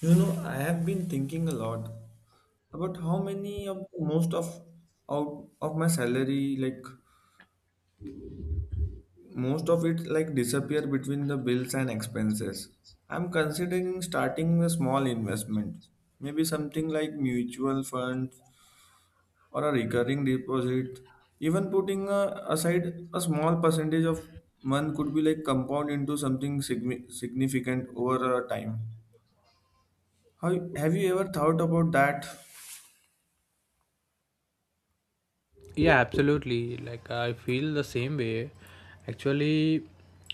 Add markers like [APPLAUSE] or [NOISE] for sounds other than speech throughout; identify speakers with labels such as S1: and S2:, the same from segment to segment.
S1: I have been thinking a lot about how many of most of out of my salary, like most of it, like disappear between the bills and expenses. I'm considering starting a small investment, maybe something like mutual funds or a recurring deposit. Even putting aside a small percentage of month could be like compound into something significant over a time. How, have you ever thought about that?
S2: Yeah, absolutely, like I feel the same way actually.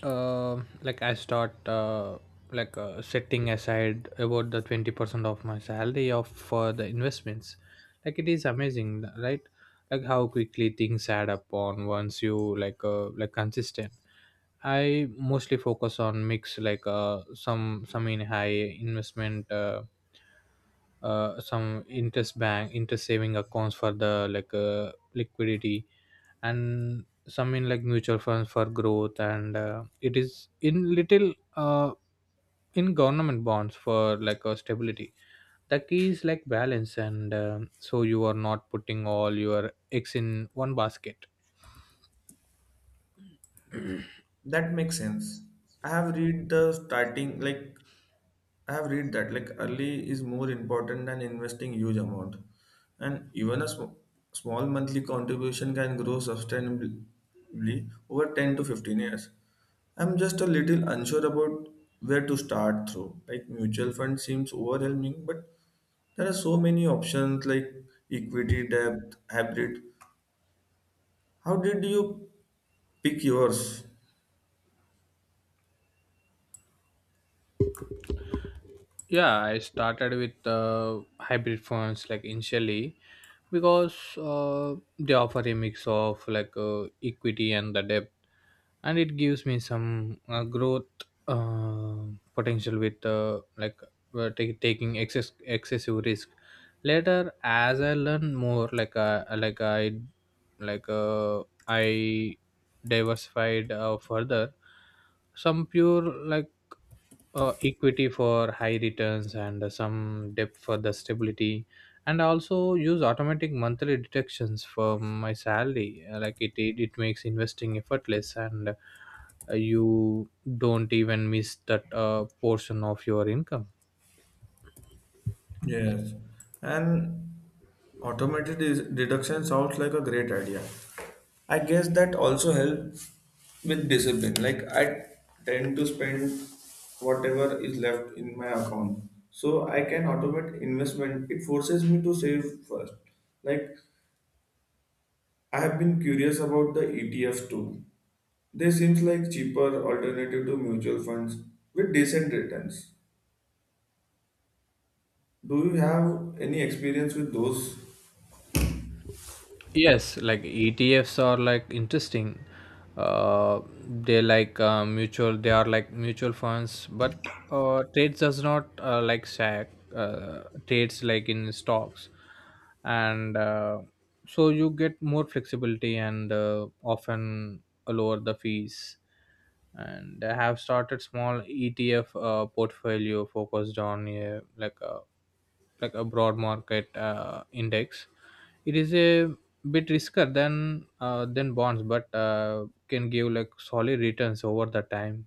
S2: Like I start setting aside about the 20% of my salary of for the investments. Like it is amazing, right? Like how quickly things add up on once you like consistent. I mostly focus on mix, like some in high investment some interest bank interest saving accounts for the liquidity, and some in like mutual funds for growth, and it is in little in government bonds for stability. The key is like balance and so you are not putting all your eggs in one basket.
S1: That makes sense. I have read the starting like I have read that like early is more important than investing huge amount, and even a small monthly contribution can grow sustainably over 10 to 15 years. I'm just a little unsure about where to start through. Like mutual fund seems overwhelming, but there are so many options like equity, debt, hybrid. How did you pick yours?
S2: Yeah, I started with hybrid phones, like initially, because they offer a mix of equity and the depth, and it gives me some growth potential with taking excessive risk. Later, as I learn more, I diversified further, some pure equity for high returns and some debt for the stability. And I also use automatic monthly deductions for my salary. Like it makes investing effortless and you don't even miss that portion of your income.
S1: Yes, and automated is, deduction sounds like a great idea. I guess that also helps with discipline. Like I tend to spend whatever is left in my account, so I can automate investment. It forces me to save first. Like I have been curious about the ETF too. They seems like cheaper alternative to mutual funds with decent returns. Do you have any experience with those?
S2: Yes, like ETFs are like interesting. Uh, They are like mutual funds, but trades does not like SAC trades like in stocks, and so you get more flexibility and often lower the fees. And I have started small ETF portfolio focused on like a broad market index. It is a bit riskier than bonds, but can give like solid returns over the time.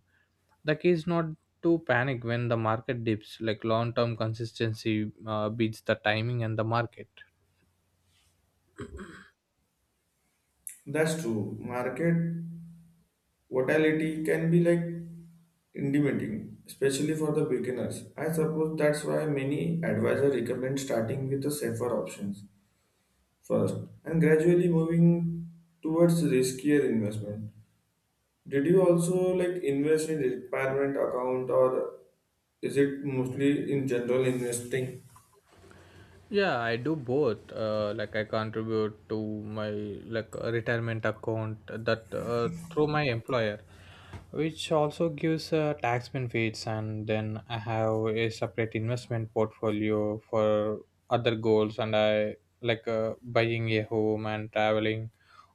S2: The key is not to panic when the market dips. Like long term consistency beats the timing and the market.
S1: That's true. Market volatility can be like intimidating, especially for the beginners. I suppose that's why many advisors recommend starting with the safer options first and gradually moving towards riskier investment. Did you also like invest in retirement account or is it mostly in general investing?
S2: Yeah, I do both. Like I contribute to my like a retirement account that through my employer, which also gives tax benefits, and then I have a separate investment portfolio for other goals, and I like buying a home and traveling,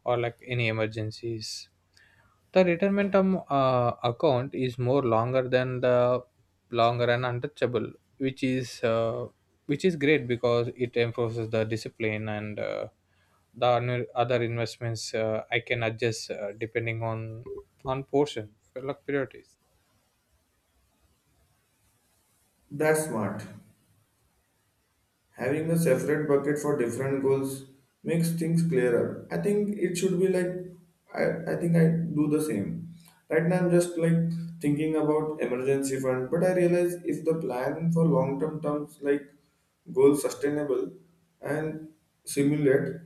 S2: or like any emergencies. The account is more longer than the longer and untouchable, which is uh, which is great because it enforces the discipline, and other investments I can adjust depending on portion like priorities.
S1: That's smart. Having a separate bucket for different goals makes things clearer. I think it should be like I think I do the same. Right now I'm just like thinking about emergency fund, but I realize if the plan for long term terms like goal sustainable and simulate,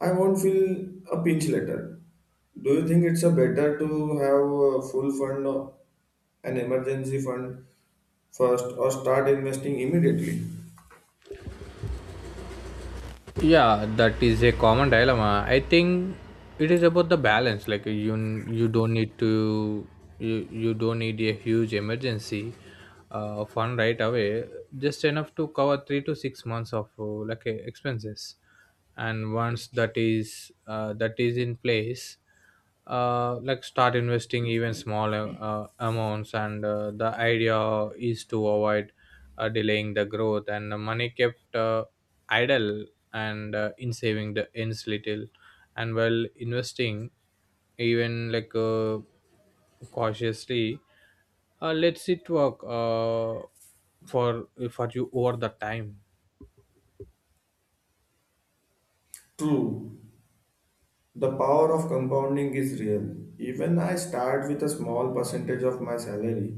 S1: I won't feel a pinch later. Do you think it's a better to have a full fund or an emergency fund first or start investing immediately?
S2: Yeah, that is a common dilemma. I think it is about the balance. Like you don't need to you don't need a huge emergency fund right away, just enough to cover 3 to 6 months of expenses. And once that is in place, like start investing even small amounts, and the idea is to avoid delaying the growth and the money kept idle, and in saving the ends little, and while investing even cautiously, let's it work for you over the time.
S1: True, the power of compounding is real. Even I start with a small percentage of my salary.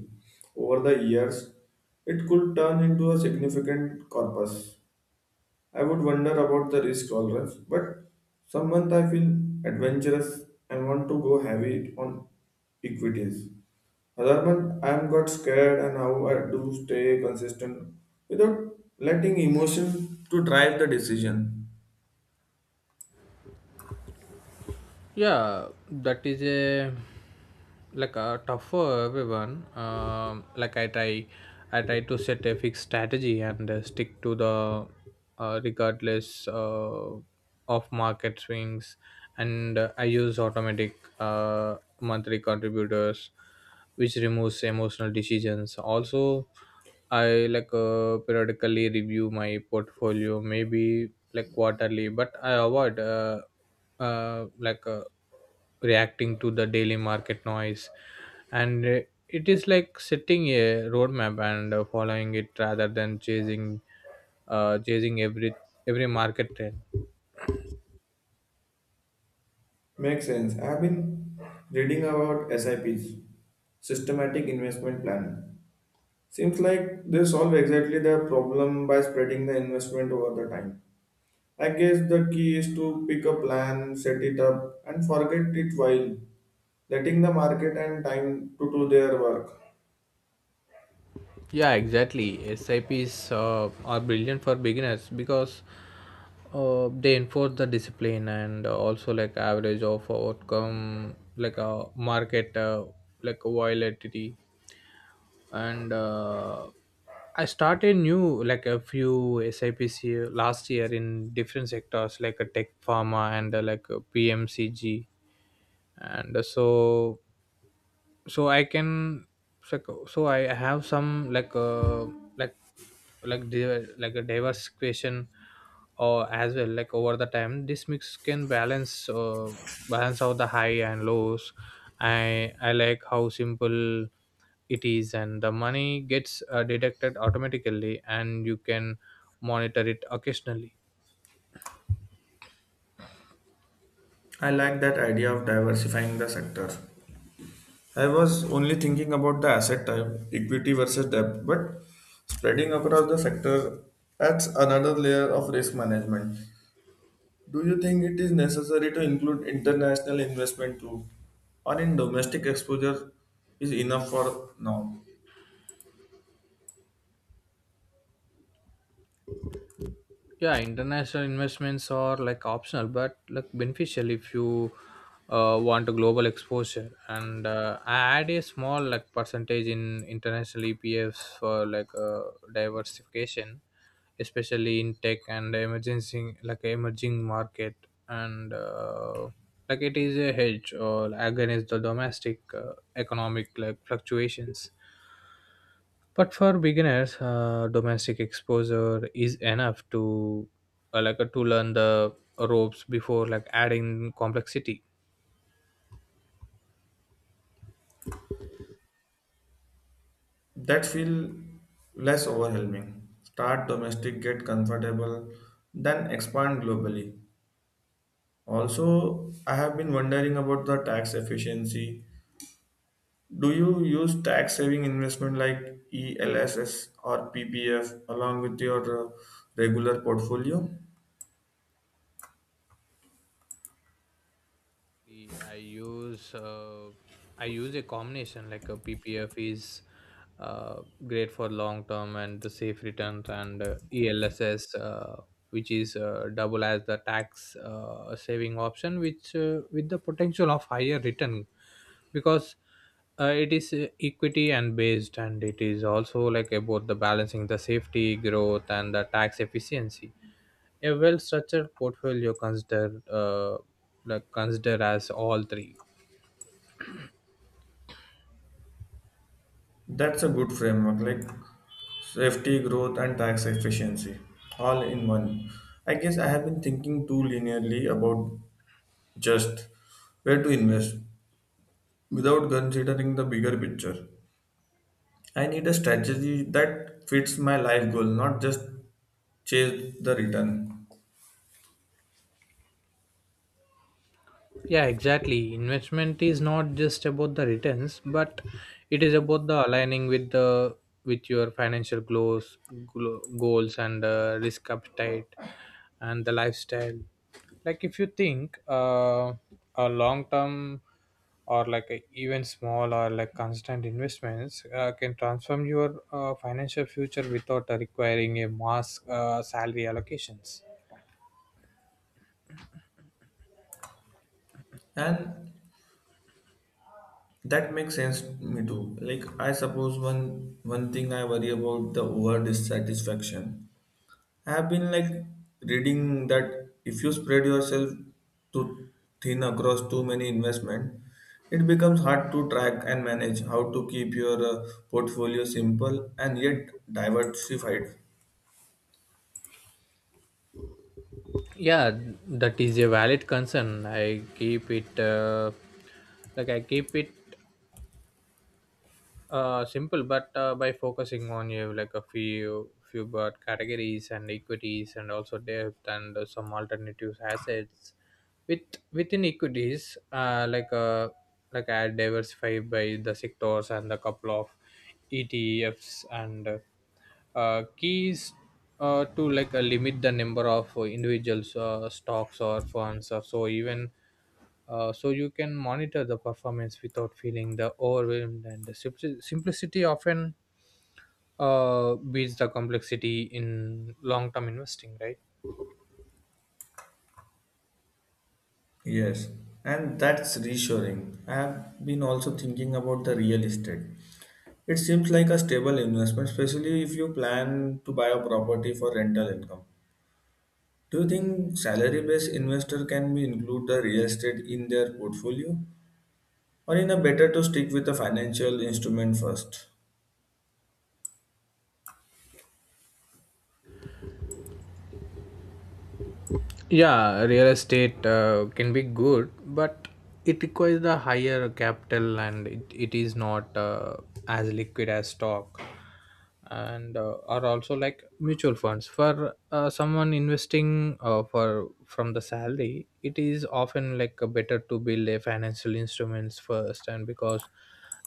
S1: Over the years, it could turn into a significant corpus. I would wonder about the risk tolerance, but some month I feel adventurous and want to go heavy on equities. Other month I am got scared and how I do stay consistent without letting emotion to drive the decision.
S2: Yeah, that is a like a tough for everyone. Like I try to set a fixed strategy and stick to the regardless of market swings. And I use automatic monthly contributors, which removes emotional decisions. Also, I like periodically review my portfolio, maybe like quarterly, but I avoid uh, like uh, reacting to the daily market noise. And it is like setting a roadmap and following it rather than chasing every market trend.
S1: Makes sense. I've been reading about SIPs, systematic investment planning. Seems like they solve exactly the problem by spreading the investment over the time. I guess the key is to pick a plan, set it up, and forget it while letting the market and time to do their work.
S2: Yeah, exactly, sips are brilliant for beginners because they enforce the discipline and also like average of outcome, like a market like volatility. And I started new like a few SIPC last year in different sectors like a tech pharma and like a pmcg, and so i can so so I have some like like a diverse question or as well. Like over the time this mix can balance out the high and lows. I like how simple it is, and the money gets deducted automatically and you can monitor it occasionally.
S1: I like that idea of diversifying the sector. I was only thinking about the asset type, equity versus debt, but spreading across the sector adds another layer of risk management. Do you think it is necessary to include international investment too, or in domestic exposure is enough for now?
S2: Yeah, international investments are like optional but like beneficial if you want a global exposure. And I add a small like percentage in international epfs for diversification, especially in tech and emergency like emerging market. And like it is a hedge or against the domestic economic like fluctuations. But for beginners domestic exposure is enough to to learn the ropes before like adding complexity.
S1: That feel less overwhelming. Start domestic, get comfortable, then expand globally. Also, I have been wondering about the tax efficiency. Do you use tax saving investment like ELSS or PPF along with your regular portfolio?
S2: I use uh, i use a combination. Like a ppf is uh, great for long term and the safe returns, and elss, which is double as the tax saving option, which with the potential of higher return, because it is equity and based. And it is also like about the balancing the safety growth and the tax efficiency. A well structured portfolio consider consider as all three.
S1: That's a good framework like safety, growth, and tax efficiency all in one. I guess I have been thinking too linearly about just where to invest without considering the bigger picture. I need a strategy that fits my life goal, not just chase the return.
S2: Yeah, exactly. Investment is not just about the returns, but it is about the aligning with the with your financial goals, goals and risk appetite and the lifestyle. Like if you think a long term or like a, even small or like constant investments can transform your financial future without requiring a mass salary allocations.
S1: And that makes sense to me too. Like I suppose one thing I worry about the over dissatisfaction. I have been like reading that if you spread yourself too thin across too many investment, it becomes hard to track and manage how to keep your portfolio simple and yet diversified.
S2: Yeah, that is a valid concern. I keep it simple, but by focusing on you have like a few but categories and equities and also debt and some alternative assets. with Within equities I diversify by the sectors and a couple of etfs, and keys to like limit the number of individuals stocks or funds or so even, so you can monitor the performance without feeling the overwhelmed. And the simplicity often beats the complexity in long-term investing, right?
S1: Yes, and that's reassuring. I have been also thinking about the real estate. It seems like a stable investment, especially if you plan to buy a property for rental income. Do you think salary-based investor can be include the real estate in their portfolio, or in a better to stick with a financial instrument first?
S2: Yeah, real estate can be good, but it requires the higher capital, and it is not as liquid as stock, and are also like mutual funds. For someone investing for from the salary, it is often like a better to build a financial instruments first. And because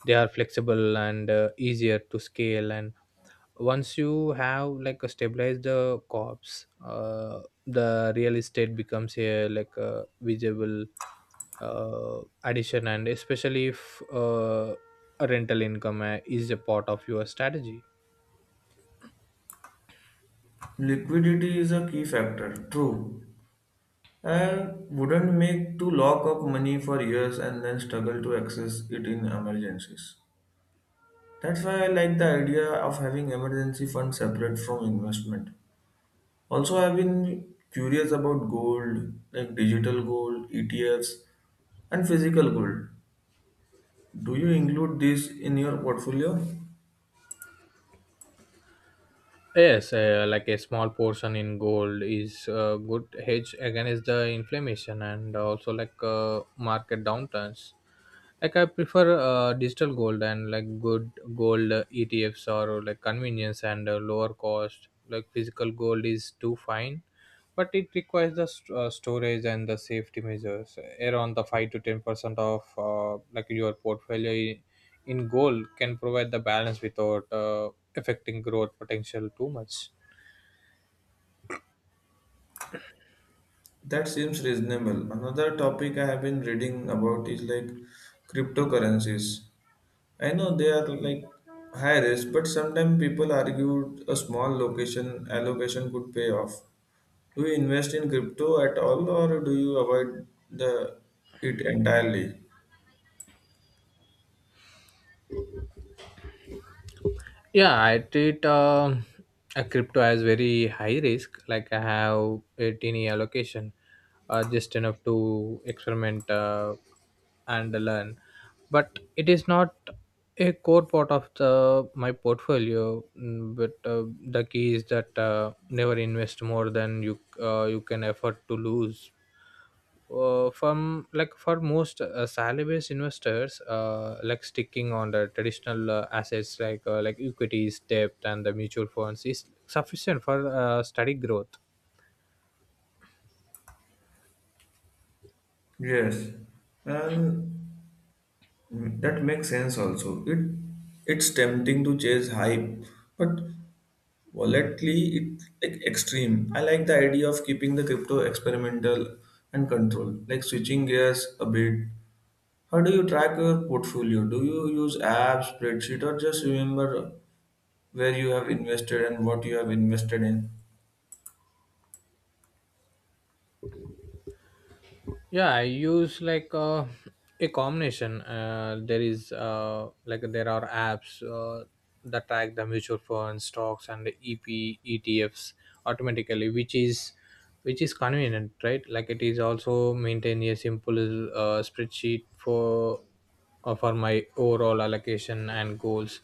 S2: they are flexible and easier to scale, and once you have like a stabilized the corps, uh, the real estate becomes a like a visible addition, and especially if a rental income is a part of your strategy.
S1: Liquidity is a key factor, true, and wouldn't make to lock up money for years and then struggle to access it in emergencies. That's why I like the idea of having emergency fund separate from investment. Also, I've been curious about gold, like digital gold, ETFs, and physical gold. Do you include this in your portfolio?
S2: Yes, like a small portion in gold is a good hedge against the inflammation and also like market downturns. Like I prefer digital gold and like good gold ETFs or like convenience and lower cost. Like physical gold is too fine, but it requires the storage and the safety measures. Around the 5 to 10% of like your portfolio in goal can provide the balance without affecting growth potential too much.
S1: That seems reasonable. Another topic I have been reading about is like cryptocurrencies. I know they are like high risk, but sometimes people argue a small location allocation could pay off. Do you invest in crypto at all or do you avoid the it entirely?
S2: Yeah, I treat a crypto as very high risk. Like I have a teeny allocation, just enough to experiment and learn. But it is not a core part of the my portfolio. Mm. But the key is that never invest more than you can afford to lose from like. For most salary-based investors, like sticking on the traditional assets like equities, debt, and the mutual funds is sufficient for steady growth.
S1: Yes. And that makes sense also. It's tempting to chase hype, but volatily it like extreme. I like the idea of keeping the crypto experimental and control, like switching gears a bit. How do you track your portfolio? Do you use apps, spreadsheet, or just remember where you have invested and what you have invested in?
S2: Yeah, I use like a combination. There is there are apps that track the mutual funds, stocks, and the E P E T F's automatically, which is convenient, right? Like it is also maintain a simple spreadsheet for my overall allocation and goals.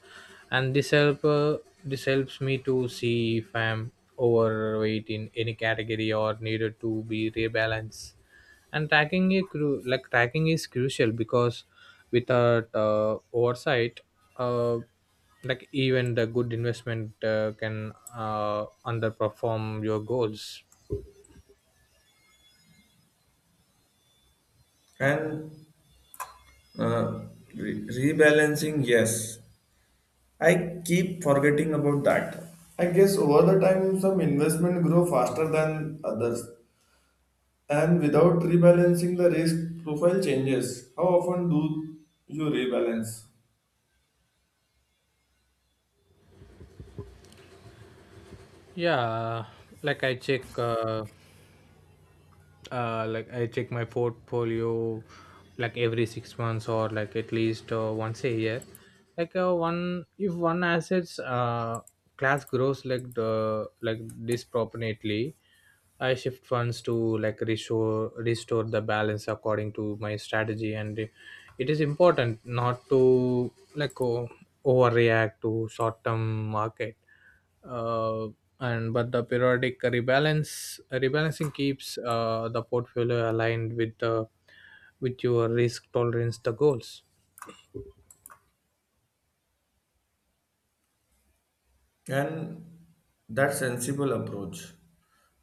S2: And this help this helps me to see if I'm overweight in any category or needed to be rebalanced. And tracking is tracking is crucial, because without oversight, uh, like even the good investment can underperform your goals.
S1: And uh, rebalancing, yes. I keep forgetting about that. Time some investment grow faster than others, and without rebalancing the risk profile changes. How often do you rebalance?
S2: Yeah, like I check, I check my portfolio like every 6 months or like at least once a year. Like if one assets class grows like the disproportionately, I shift funds to restore the balance according to my strategy. And it is important not to overreact to short term market. Uh, and But the periodic rebalance rebalancing keeps the portfolio aligned with the with your risk tolerance the goals.
S1: And that sensible approach.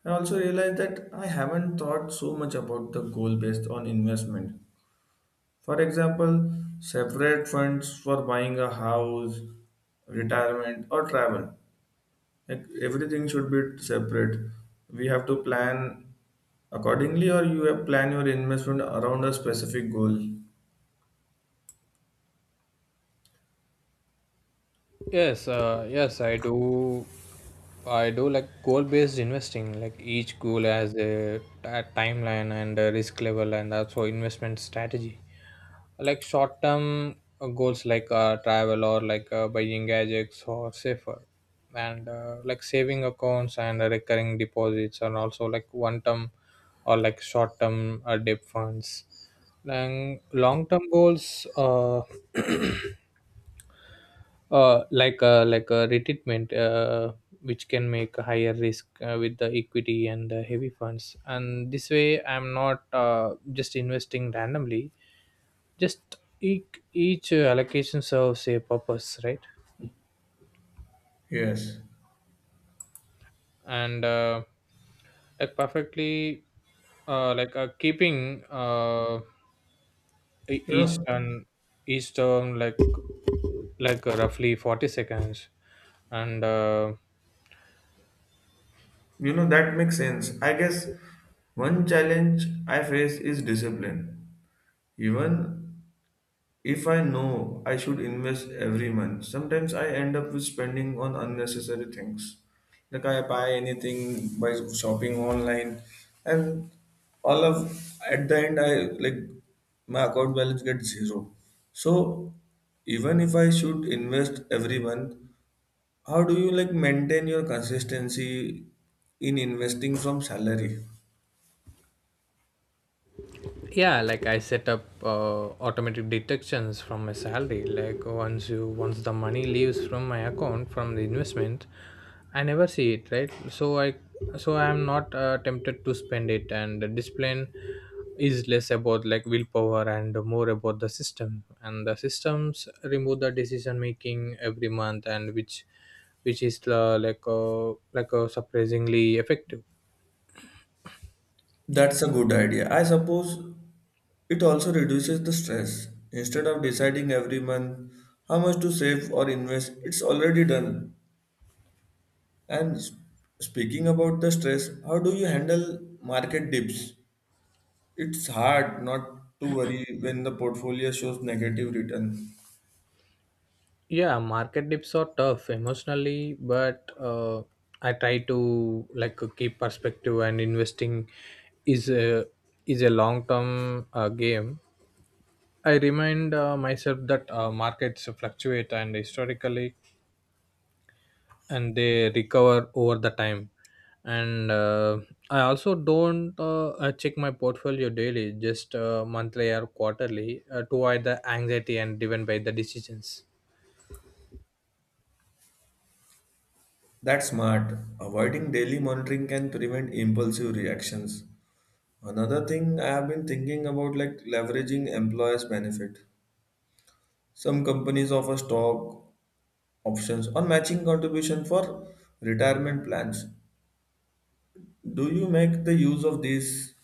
S1: I also realized that I haven't thought so much about the goal based on investment. For example, separate funds for buying a house, retirement, or travel. Like, everything should be separate. We have to plan accordingly, or you have plan your investment around a specific goal.
S2: Yes, I do. I do like goal-based investing. Like each goal has a timeline and a risk level, and also investment strategy. Like short-term goals, like travel or like buying gadgets or safer, and like saving accounts and recurring deposits, and also like one-term or like short-term debt funds. Long-term goals. [CLEARS THROAT] Like a retirement, which can make a higher risk with the equity and the heavy funds. And this way, I'm not just investing randomly. Just each allocation serves a purpose, right?
S1: Yes.
S2: And like perfectly, keeping
S1: You
S2: each
S1: know,
S2: turn, each turn like roughly 40 seconds, and.
S1: that makes sense. I guess one challenge I face is discipline. Even if I know I should invest every month, sometimes I end up with spending on unnecessary things. Like I buy anything by shopping online and all of at the end I like my account balance gets zero. So even if I should invest every month, how do you like maintain your consistency in investing from salary?
S2: Yeah, like I set up automatic deductions from my salary. Like once the money leaves from my account from the investment, I never see it, right? So I am not tempted to spend it, and the discipline is less about like willpower and more about the system, and the systems remove the decision making every month, and which is surprisingly effective.
S1: That's a good idea. I suppose it also reduces the stress. Instead of deciding every month how much to save or invest, it's already done. And speaking about the stress, how do you handle market dips? It's hard not to worry when the portfolio shows negative return.
S2: Yeah, market dips are tough emotionally, but I try to like keep perspective, and investing is a is a long term game. I remind myself that markets fluctuate and historically, and they recover over the time. And I also don't check my portfolio daily, just monthly or quarterly to avoid the anxiety and driven by the decisions.
S1: That's smart. Avoiding daily monitoring can prevent impulsive reactions. Another thing I have been thinking about like leveraging employers' benefit. Some companies offer stock options on matching contribution for retirement plans. Do you make the use of these?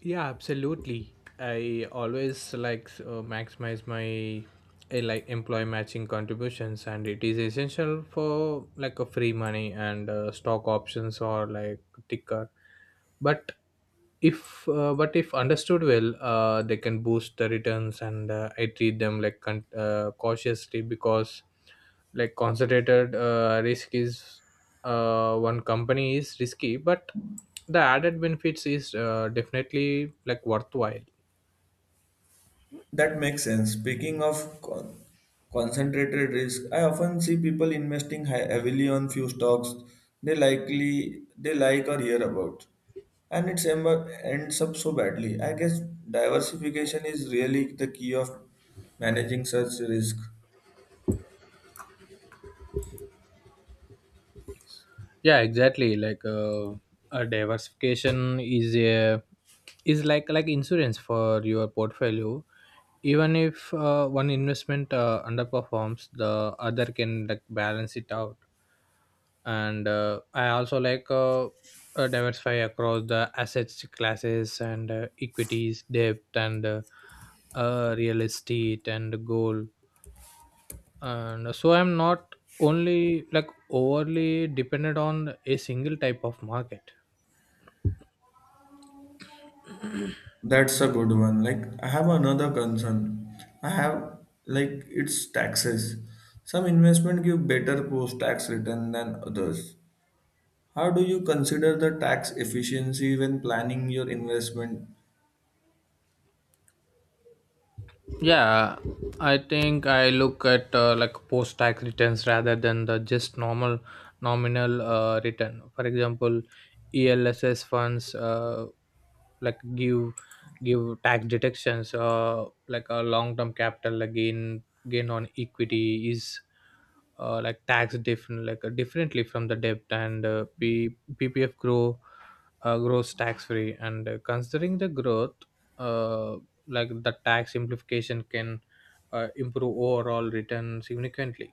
S2: Yeah, absolutely. I always like maximize my like employee matching contributions, and it is essential for like a free money and stock options or like ticker, but if understood well they can boost the returns, and I treat them like cautiously, because like concentrated risk is one company is risky, but the added benefits is definitely like worthwhile.
S1: That makes sense. Speaking of concentrated risk, I often see people investing heavily on few stocks they likely they like or hear about, and it ends up so badly. I guess diversification is really the key of managing such risk.
S2: Yeah, exactly. A diversification is like insurance for your portfolio. Even if one investment underperforms, the other can like balance it out. And I also like diversify across the assets classes and equities, debt, and real estate and gold, and so I'm not only like overly dependent on a single type of market.
S1: That's a good one. Like, I have another concern. I have, like, it's taxes. Some investment give better post-tax return than others. How do you consider the tax efficiency when planning your investment?
S2: Yeah, I think I look at like post tax returns rather than the just normal nominal return. For example, ELSS funds like give tax deductions. Like a long term capital like gain on equity is like tax different differently from the debt, and PPF grows tax free, and considering the growth. Uh, like the tax simplification can improve overall return significantly.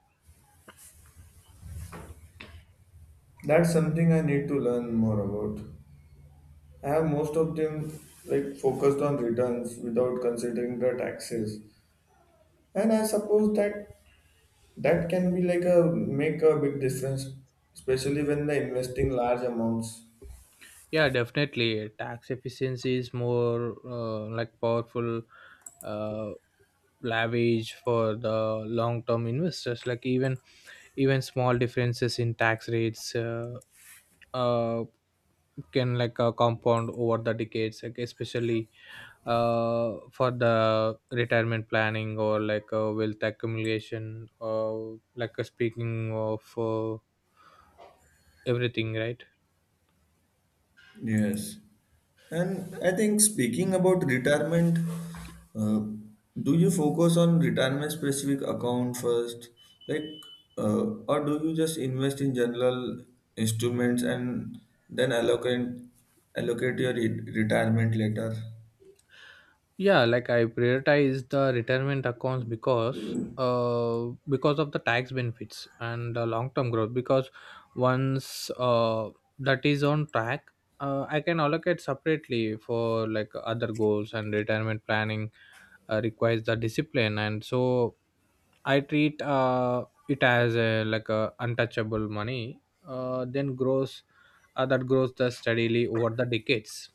S1: That's something I need to learn more about. I have most of them, like, focused on returns without considering the taxes. And I suppose that that can be like a make a big difference, especially when they're investing large amounts.
S2: Yeah, definitely. Tax efficiency is more like powerful uh, leverage for the long term investors. Like even small differences in tax rates, uh, can like compound over the decades, like especially for the retirement planning or like wealth accumulation. Or like speaking of everything, right?
S1: Yes. And I think speaking about retirement, uh, do you focus on retirement specific account first, like, or do you just invest in general instruments and then allocate your retirement later?
S2: Yeah, like I prioritize the retirement accounts because of the tax benefits and the long term growth, because once that is on track, I can allocate separately for like other goals. And retirement planning requires the discipline, and so I treat it as a like a untouchable money, then grows that grows the steadily over the decades.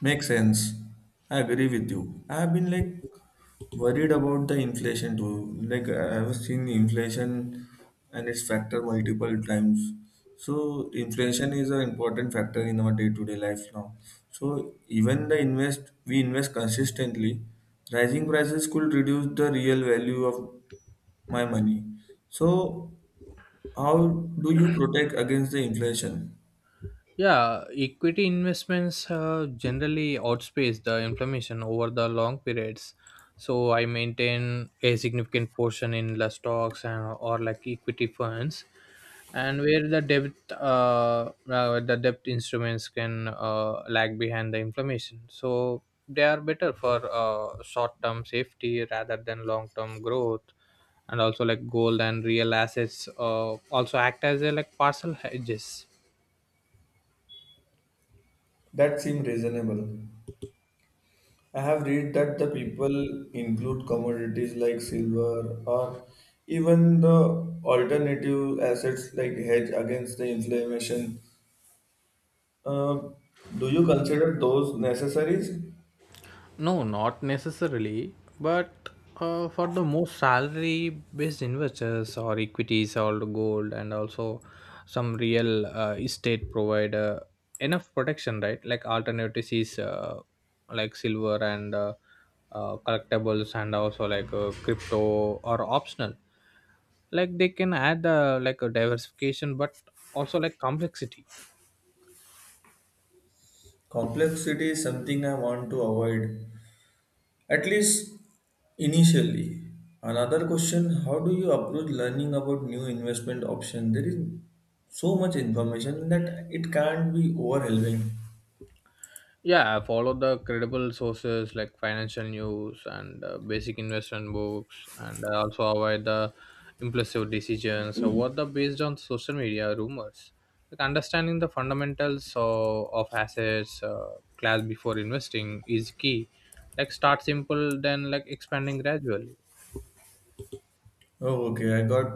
S1: Makes sense. I agree with you. I have been like worried about the inflation too. Like I have seen inflation and its factor multiple times. So inflation is an important factor in our day-to-day life now. So even the invest we invest consistently, rising prices could reduce the real value of my money. So how do you protect against the inflation?
S2: Yeah, equity investments generally outpace the inflammation over the long periods. So I maintain a significant portion in the stocks and or like equity funds, and where the debt, the debt instruments can lag behind the inflammation. So they are better for short term safety rather than long term growth, and also like gold and real assets also act as a like partial hedges.
S1: That seems reasonable. I have read that the people include commodities like silver or even the alternative assets like hedge against the inflammation. Uh, do you consider those necessaries?
S2: No, not necessarily, but for the most salary based investors, or equities or gold, and also some real estate provider enough protection, right? Like alternatives is like silver and collectibles, and also like crypto or optional. Like they can add like a diversification, but also like complexity.
S1: Complexity is something I want to avoid, at least initially. Another question. How do you approach learning about new investment options? There is so much information that it can't be overwhelming.
S2: Yeah, I follow the credible sources like financial news and basic investment books, and I also avoid the impulsive decisions, or what the based on social media rumors. Like understanding the fundamentals of assets class before investing is key. Like start simple, then like expanding gradually.
S1: Oh, okay, I got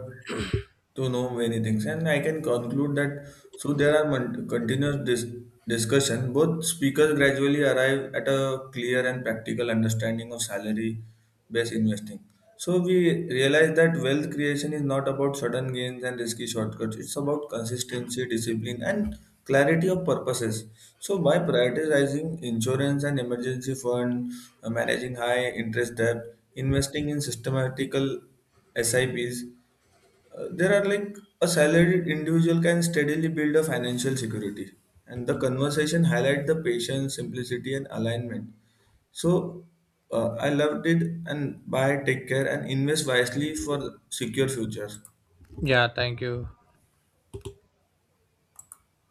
S1: to know many things, and I can conclude that so there are continuous discussion. Both speakers gradually arrive at a clear and practical understanding of salary based investing. So we realize that wealth creation is not about sudden gains and risky shortcuts. It's about consistency, discipline, and clarity of purposes. So by prioritizing insurance and emergency fund, managing high interest debt, investing in systematical sips, there are like a salaried individual can steadily build a financial security. And the conversation highlight the patience, simplicity, and alignment. So I loved it and buy take care and invest wisely for secure futures.
S2: Yeah, thank you.